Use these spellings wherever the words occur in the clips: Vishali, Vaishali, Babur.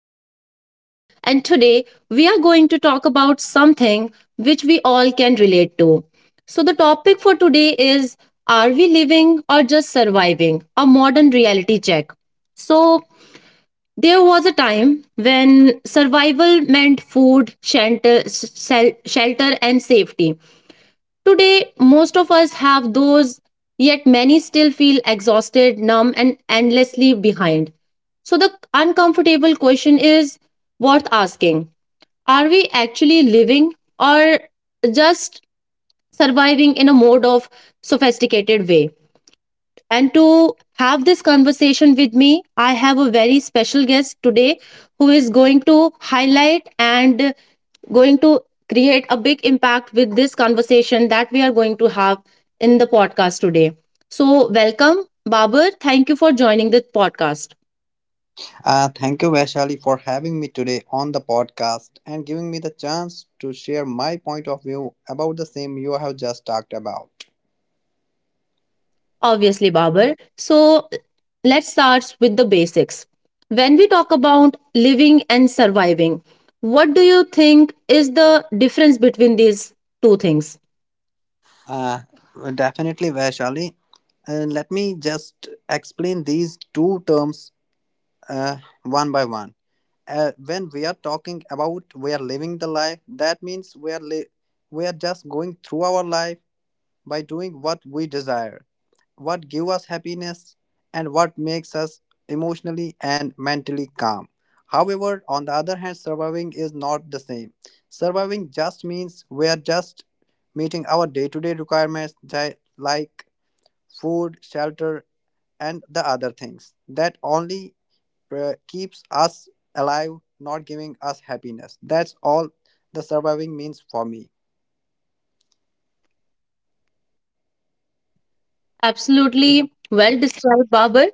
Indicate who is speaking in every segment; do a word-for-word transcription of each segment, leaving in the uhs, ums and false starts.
Speaker 1: host, Vishali, and today we are going to talk about something which we all can relate to. So, the topic for today is: Are we living or just surviving? A modern reality check. So, there was a time when survival meant food, shelter, shel- shelter, and safety. Today, most of us have those, yet many still feel exhausted, numb, and endlessly behind. So, the uncomfortable question is worth asking: Are we actually living or just surviving in a mode of sophisticated way? And to have this conversation with me, I have a very special guest today who is going to highlight and going to create a big impact with this conversation that we are going to have in the podcast today. So, welcome, Babur. Thank you for joining the podcast.
Speaker 2: Uh, thank you, Vaishali, for having me today on the podcast and giving me the chance to share my point of view about the same you have just talked about.
Speaker 1: Obviously, Babur. So, let's start with the basics. When we talk about living and surviving, what do you think is the difference between these two things?
Speaker 2: Uh, Definitely, Vaishali. Uh, let me just explain these two terms uh, one by one. Uh, when we are talking about we are living the life, that means we are li- we are just going through our life by doing what we desire, what give us happiness and what makes us emotionally and mentally calm. However, on the other hand, surviving is not the same. Surviving just means we are just meeting our day-to-day requirements di- like food, shelter, and the other things that only uh, keeps us alive, not giving us happiness. That's all the surviving means for me.
Speaker 1: Absolutely well described, Babar,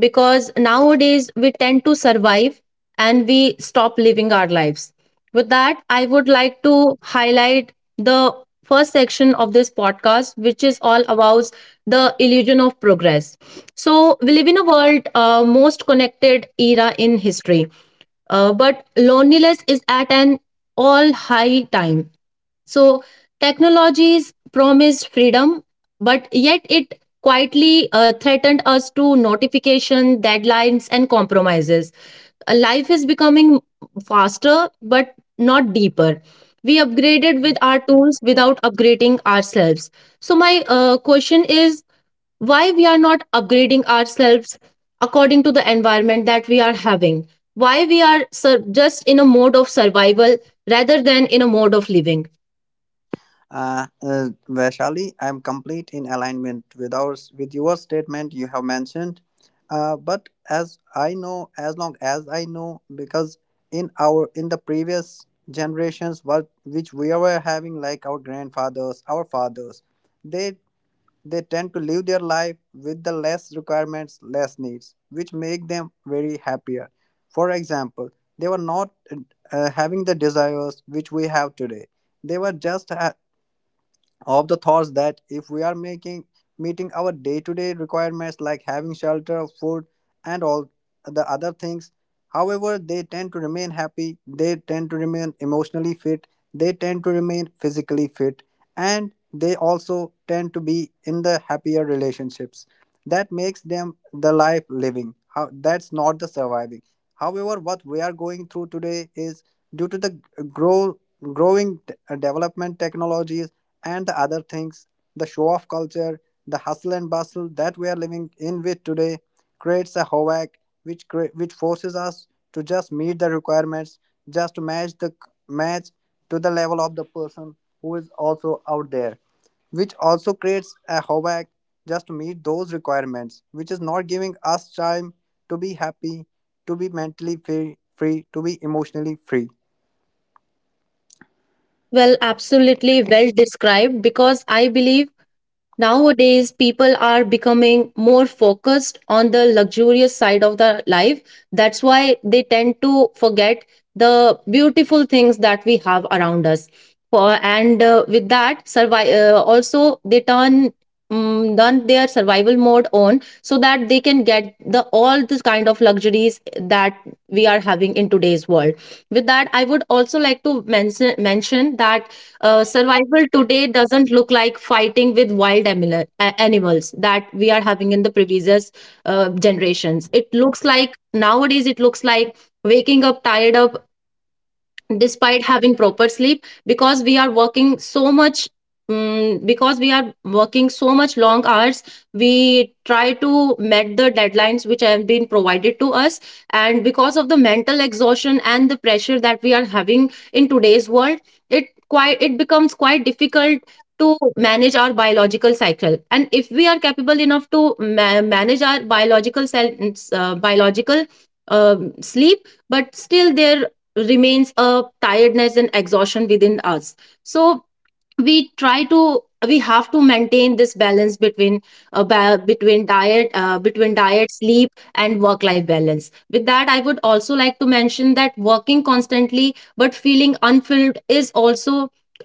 Speaker 1: because nowadays we tend to survive and we stop living our lives. With that, I would like to highlight the first section of this podcast, which is all about the illusion of progress. So, we live in a world, uh, most connected era in history, uh, but loneliness is at an all high time. So technologies promised freedom, but yet it quietly uh, threatened us to notification, deadlines, and compromises. Uh, Life is becoming faster, but not deeper. We upgraded with our tools without upgrading ourselves. So my uh, question is, why we are not upgrading ourselves according to the environment that we are having? Why we are sur- just in a mode of survival rather than in a mode of living?
Speaker 2: Uh, uh, Vaishali, I'm complete in alignment with ours with your statement you have mentioned. Uh, but as I know, as long as I know, because in our in the previous generations, what which we were having, like our grandfathers, our fathers, they they tend to live their life with the less requirements, less needs, which make them very happier. For example, they were not uh, having the desires which we have today. They were just ha- Of the thoughts that if we are making meeting our day-to-day requirements like having shelter, food and all the other things, however they tend to remain happy, they tend to remain emotionally fit, they tend to remain physically fit, and they also tend to be in the happier relationships. That makes them the life living. How, that's not the surviving. However, what we are going through today is due to the grow growing t- development technologies and the other things, the show off culture, the hustle and bustle that we are living in with today creates a havoc, which cre- which forces us to just meet the requirements, just to match the match to the level of the person who is also out there, which also creates a havoc just to meet those requirements, which is not giving us time to be happy, to be mentally free, free to be emotionally free.
Speaker 1: Well, absolutely well described, because I believe nowadays, people are becoming more focused on the luxurious side of the life. That's why they tend to forget the beautiful things that we have around us. For and uh, with that, survive. Uh, also, they turn um, turn their survival mode on so that they can get the all this kind of luxuries that we are having in today's world. With that, I would also like to mention mention that uh, survival today doesn't look like fighting with wild animal, a- animals that we are having in the previous uh, generations. It looks like nowadays, it looks like waking up tired up despite having proper sleep because we are working so much, mm, because we are working so much long hours. We try to meet the deadlines which have been provided to us, and because of the mental exhaustion and the pressure that we are having in today's world, it quite it becomes quite difficult to manage our biological cycle. And if we are capable enough to ma- manage our biological cell, uh, biological um sleep, but still there remains a tiredness and exhaustion within us. So we try to we have to maintain this balance between uh, ba- between diet, uh, between diet, sleep and work life balance. With that, I would also like to mention that working constantly but feeling unfilled is also,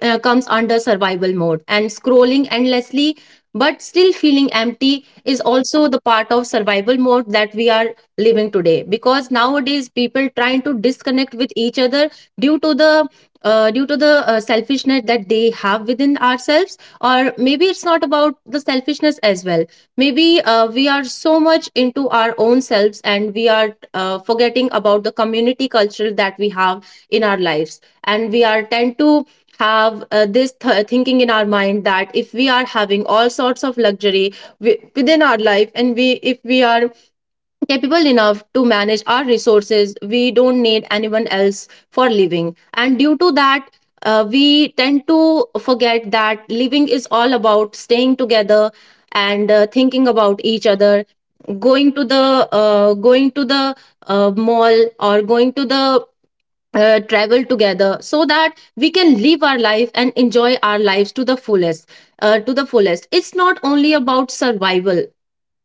Speaker 1: uh, comes under survival mode, and scrolling endlessly but still feeling empty is also the part of survival mode that we are living today. Because nowadays people trying to disconnect with each other due to the, uh, due to the uh, selfishness that they have within ourselves, or maybe it's not about the selfishness as well. Maybe uh, we are so much into our own selves and we are uh, forgetting about the community culture that we have in our lives, and we are tend to have uh, this th- thinking in our mind that if we are having all sorts of luxury wi- within our life, and we if we are capable enough to manage our resources, we don't need anyone else for living. And due to that, uh, we tend to forget that living is all about staying together and uh, thinking about each other, going to the uh, going to the uh, mall, or going to the uh, travel together so that we can live our life and enjoy our lives to the fullest, uh, to the fullest. It's not only about survival.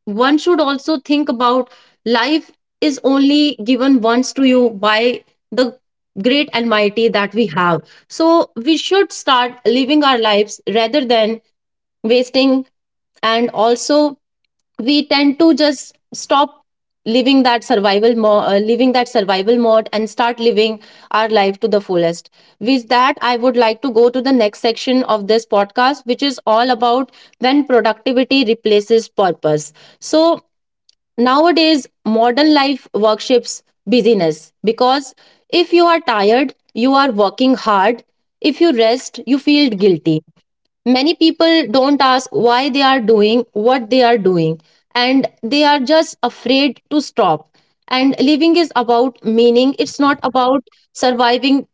Speaker 1: One should also think about life is only given once to you by the great and mighty that we have. So we should start living our lives rather than wasting. And also, we tend to just stop living that survival mo- uh, living that survival mode and start living our life to the fullest. With that, I would like to go to the next section of this podcast, which is all about when productivity replaces purpose. So nowadays, modern life worships busyness because if you are tired, you are working hard. If you rest, you feel guilty. Many people don't ask why they are doing what they are doing, and they are just afraid to stop. And living is about meaning, it's not about surviving,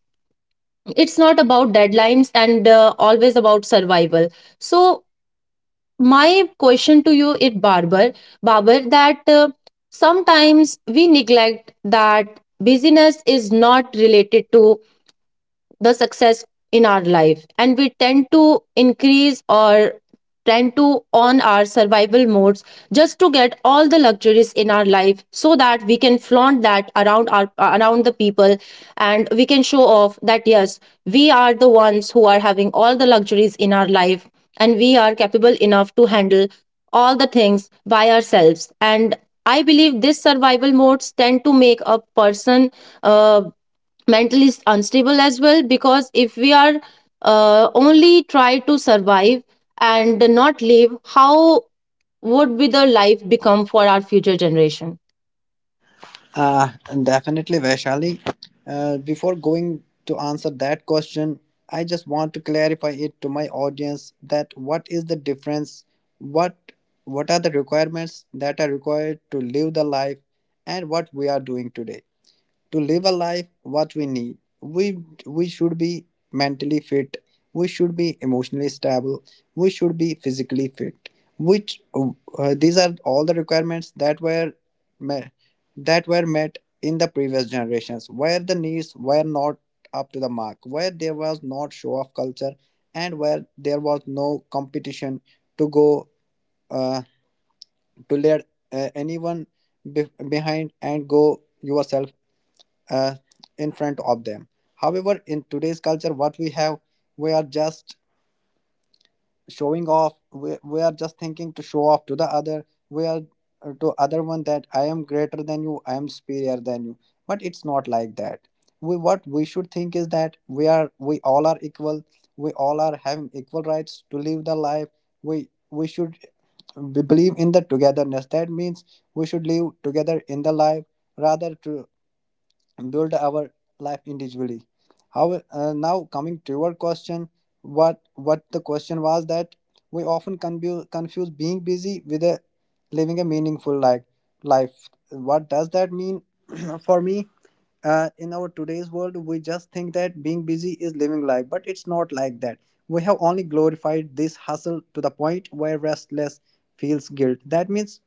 Speaker 1: it's not about deadlines and uh, always about survival. So, my question to you is, barber barber, that uh, sometimes we neglect that busyness is not related to the success in our life, and we tend to increase or tend to on our survival modes just to get all the luxuries in our life so that we can flaunt that around our, uh, around the people, and we can show off that yes, we are the ones who are having all the luxuries in our life, and we are capable enough to handle all the things by ourselves. And I believe this survival modes tend to make a person, uh, mentally s- unstable as well, because if we are, uh, only try to survive and not live, how would be the life become for our future generation?
Speaker 2: Uh, and definitely, Vaishali. Uh, before going to answer that question, I just want to clarify it to my audience that what is the difference, what what are the requirements that are required to live the life, and what we are doing today to live a life, what we need. We, we should be mentally fit, we should be emotionally stable, we should be physically fit. Which uh, these are all the requirements that were met, that were met in the previous generations, where the needs were not up to the mark, where there was not show off culture, and where there was no competition to go uh, to let uh, anyone be- behind and go yourself uh, in front of them. However, in today's culture, what we have, we are just showing off. We, we are just thinking to show off to the other. We are uh, to other one that I am greater than you. I am superior than you. But it's not like that. We, what we should think is that we are we all are equal. We all are having equal rights to live the life. We we should, uh, we believe in the togetherness. That means we should live together in the life rather to build our life individually. How, uh, now coming to your question, what what the question was, that we often confuse confuse being busy with a living a meaningful life. Life what does that mean? For me, uh, in our today's world we just think that being busy is living life, but it's not like that. We have only glorified this hustle to the point where restless feels guilt. That means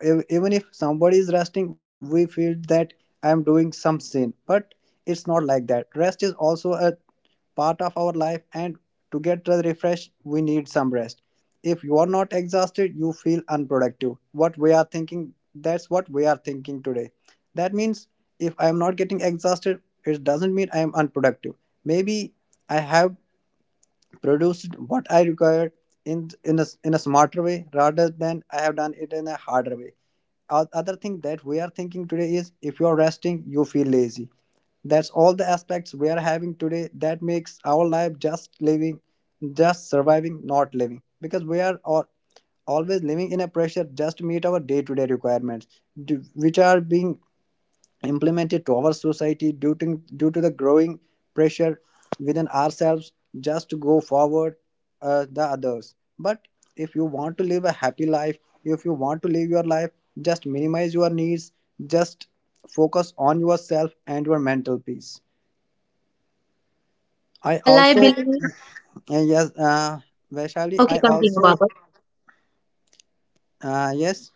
Speaker 2: ev- even if somebody is resting we feel that I am doing some sin, but it's not like that. Rest is also a part of our life, and to get refreshed we need some rest. If you are not exhausted you feel unproductive, what we are thinking, that's what we are thinking today. That means if I am not getting exhausted, it doesn't mean I am unproductive. Maybe I have produced what I required in in a, in a smarter way rather than I have done it in a harder way. O- Other thing that we are thinking today is if you are resting, you feel lazy. That's all the aspects we are having today that makes our life just living, just surviving, not living. Because we are all, always living in a pressure just to meet our day-to-day requirements, d- which are being implemented to our society due to, due to the growing pressure within ourselves just to go forward uh, the others. But if you want to live a happy life, if you want to live your life, just minimize your needs, just focus on yourself and your mental peace. I
Speaker 1: Well, I
Speaker 2: also,
Speaker 1: believe.
Speaker 2: uh, yes, uh, Vaishali,
Speaker 1: Okay,
Speaker 2: I
Speaker 1: continue,
Speaker 2: also,
Speaker 1: Baba.
Speaker 2: uh, yes.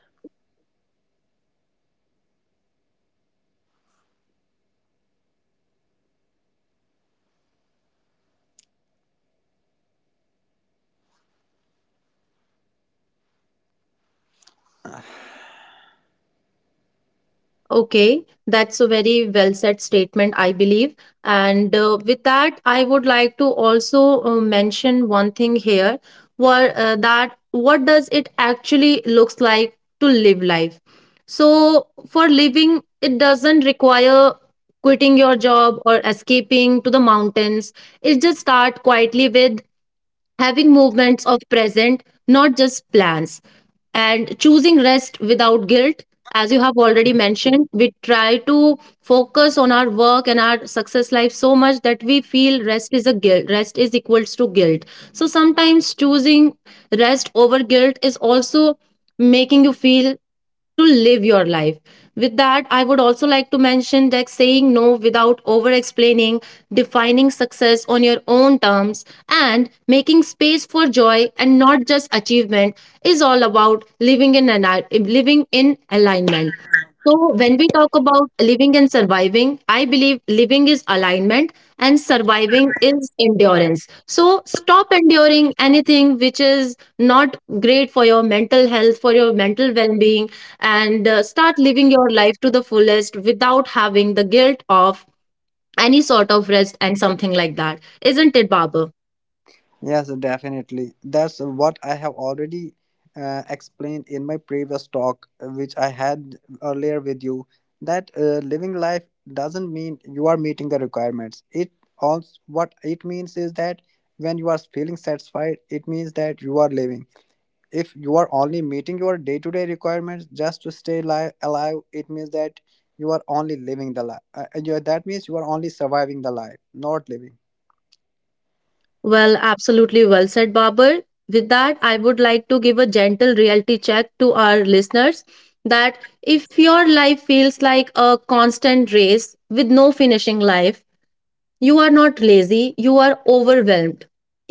Speaker 1: Okay, that's a very well said statement, I believe. And uh, with that, I would like to also uh, mention one thing here, where uh, that what does it actually looks like to live life. So for living, it doesn't require quitting your job or escaping to the mountains. It just start quietly with having movements of present, not just plans, and choosing rest without guilt. As you have already mentioned, we try to focus on our work and our success life so much that we feel rest is a guilt, rest is equals to guilt. So sometimes choosing rest over guilt is also making you feel to live your life. With that, I would also like to mention that saying no without over explaining, defining success on your own terms, and making space for joy and not just achievement is all about living in, an, living in alignment. So, when we talk about living and surviving, I believe living is alignment and surviving is endurance. So stop enduring anything which is not great for your mental health, for your mental well being, and uh, start living your life to the fullest without having the guilt of any sort of rest and something like that. Isn't it, Babar?
Speaker 2: Yes, definitely. That's what I have already uh, explained in my previous talk, uh, which I had earlier with you, that uh, living life doesn't mean you are meeting the requirements. It also, what it means is that when you are feeling satisfied, it means that you are living. If you are only meeting your day-to-day requirements just to stay li- alive, it means that you are only living the life. Uh, you- that means you are only surviving the life, not living.
Speaker 1: Well, absolutely well said, Babar. With that, I would like to give a gentle reality check to our listeners that if your life feels like a constant race with no finishing line, you are not lazy, you are overwhelmed.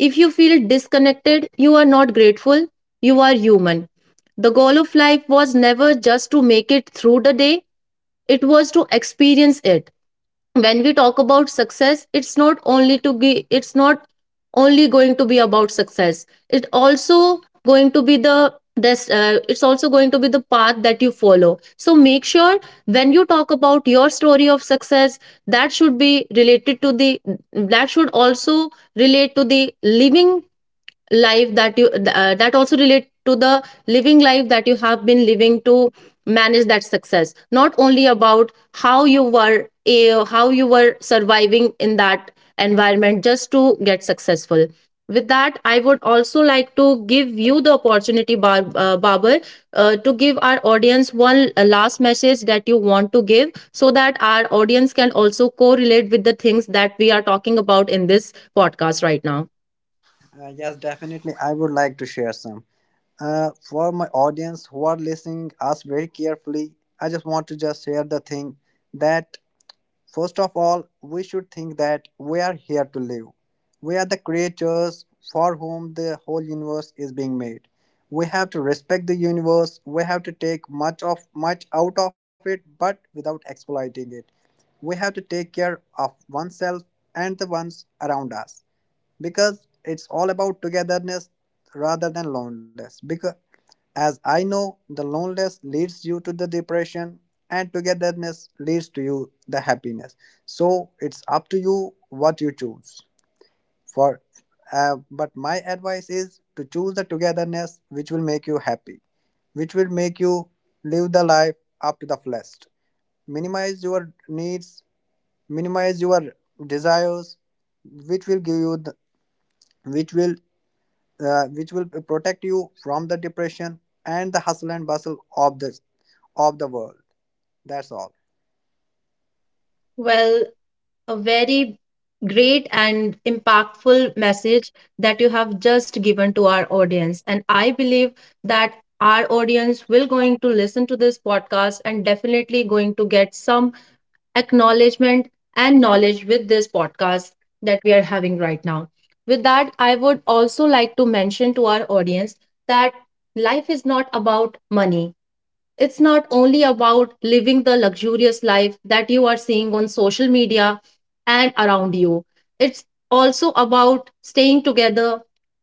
Speaker 1: If you feel disconnected, you are not grateful, you are human. The goal of life was never just to make it through the day, it was to experience it. When we talk about success, it's not only to be, it's not only going to be about success, it also going to be the this, uh, it's also going to be the path that you follow. So make sure when you talk about your story of success, that should be related to the, that should also relate to the living life that you uh, that also relate to the living life that you have been living to manage that success, not only about how you were, uh, how you were surviving in that environment just to get successful. With that, I would also like to give you the opportunity, Bar- uh, barber, uh, to give our audience one uh, last message that you want to give so that our audience can also correlate with the things that we are talking about in this podcast right now.
Speaker 2: Uh, yes, definitely. I would like to share some. Uh, for my audience who are listening us very carefully, I just want to just share the thing that first of all, we should think that we are here to live. We are the creatures for whom the whole universe is being made. We have to respect the universe. We have to take much of much out of it, but without exploiting it. We have to take care of oneself and the ones around us, because it's all about togetherness rather than loneliness. Because as I know, the loneliness leads you to the depression and togetherness leads to you the happiness. So it's up to you what you choose. For uh, but my advice is to choose the togetherness which will make you happy, which will make you live the life up to the fullest. Minimize your needs, minimize your desires, which will give you the, which will, uh, which will protect you from the depression and the hustle and bustle of the of the world. That's all.
Speaker 1: Well, a very great and impactful message that you have just given to our audience. And I believe that our audience will going to listen to this podcast and definitely going to get some acknowledgement and knowledge with this podcast that we are having right now. With that, I would also like to mention to our audience that life is not about money. It's not only about living the luxurious life that you are seeing on social media and around you. It's also about staying together,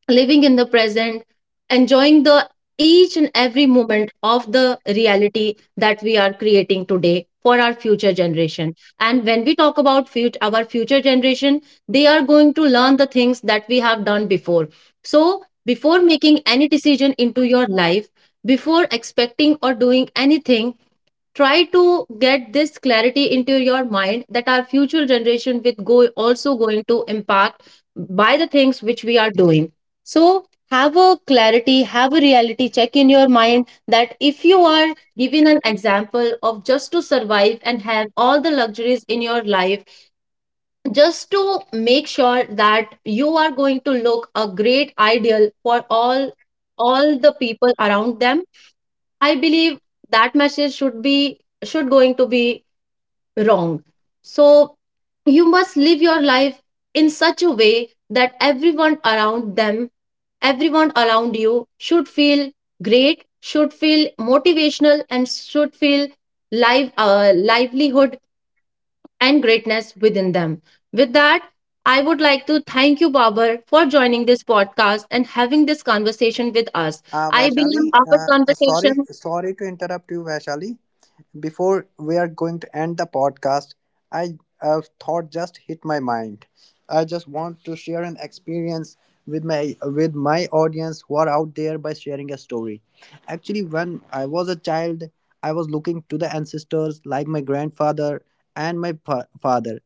Speaker 1: living in the present, enjoying the each and every moment of the reality that we are creating today for our future generation. And when we talk about fut- our future generation, they are going to learn the things that we have done before. So, before making any decision into your life, before expecting or doing anything, try to get this clarity into your mind that our future generation with go also going to impact by the things which we are doing. So have a clarity, have a reality check in your mind that if you are given an example of just to survive and have all the luxuries in your life, just to make sure that you are going to look a great ideal for all all the people around them, I believe that message should be should going to be wrong. So you must live your life in such a way that everyone around them, everyone around you should feel great, should feel motivational and should feel live, uh, livelihood and greatness within them. With that, I would like to thank you, Babar, for joining this podcast and having this conversation with us.
Speaker 2: Uh,
Speaker 1: I believe
Speaker 2: Vaishali,
Speaker 1: our
Speaker 2: uh, uh,
Speaker 1: conversation.
Speaker 2: sorry, sorry to interrupt you, Vaishali. Before we are going to end the podcast, I, a thought just hit my mind. I just want to share an experience with my with my audience who are out there by sharing a story. Actually, when I was a child, I was looking to the ancestors like my grandfather and my fa- father.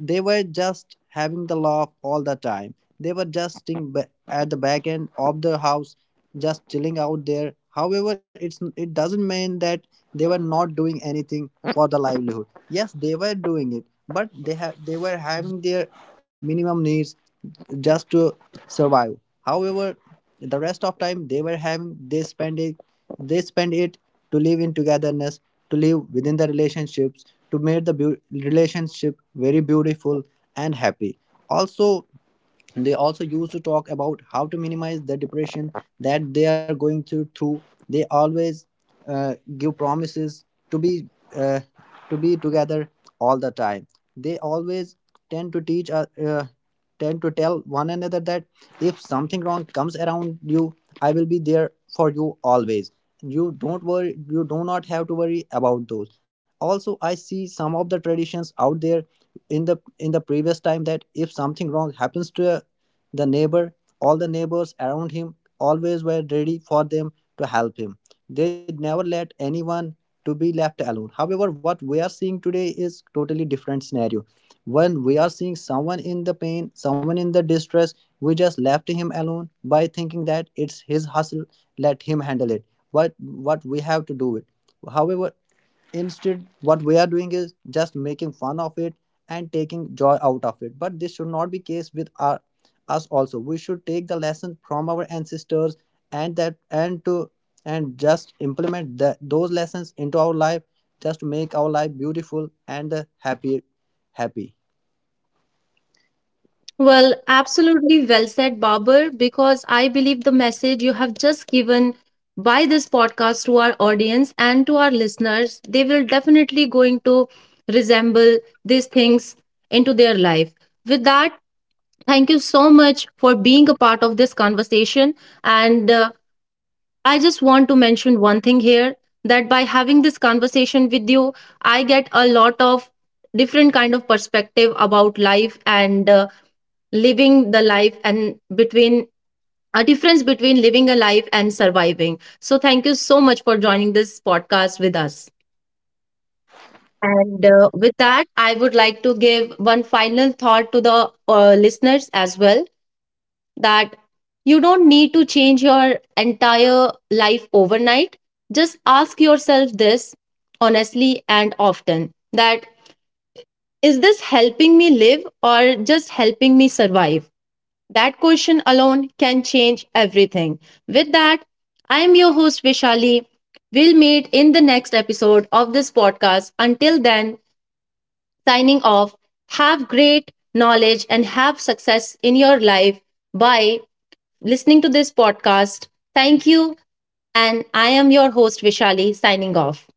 Speaker 2: They were just having the laugh all the time. They were just sitting ba- at the back end of the house, just chilling out there. However, it's it doesn't mean that they were not doing anything for the livelihood. Yes, they were doing it, but they have they were having their minimum needs just to survive. However, the rest of time they were having, they spend it they spend it to live in togetherness, to live within the relationships, to make the beau- relationship very beautiful and happy. Also, they also used to talk about how to minimize the depression that they are going through. Through they always uh, give promises to be uh, to be together all the time. They always tend to teach, uh, uh, tend to tell one another that if something wrong comes around you, I will be there for you always. You don't worry, you do not have to worry about those. Also, I see some of the traditions out there in the in the previous time that if something wrong happens to the neighbor, all the neighbors around him always were ready for them to help him. They never let anyone to be left alone. However, what we are seeing today is totally different scenario. When we are seeing someone in the pain, someone in the distress, we just left him alone by thinking that it's his hustle, let him handle it. But what we have to do it. However, instead, what we are doing is just making fun of it and taking joy out of it. But this should not be case with our, us also. We should take the lesson from our ancestors and that and to and just implement that those lessons into our life just to make our life beautiful and uh, happy. happy.
Speaker 1: Well, absolutely well said, Babar, because I believe the message you have just given by this podcast to our audience and to our listeners, they will definitely going to resemble these things into their life. With that, thank you so much for being a part of this conversation. And uh, I just want to mention one thing here, that by having this conversation with you, I get a lot of different kind of perspective about life and uh, living the life, and between a difference between living a life and surviving. So, thank you so much for joining this podcast with us. And uh, with that, I would like to give one final thought to the uh, listeners as well, that you don't need to change your entire life overnight. Just ask yourself this honestly and often, that is this helping me live or just helping me survive? That question alone can change everything. With that, I am your host Vishali. We'll meet in the next episode of this podcast. Until then, signing off. Have great knowledge and have success in your life by listening to this podcast. Thank you. And I am your host Vishali signing off.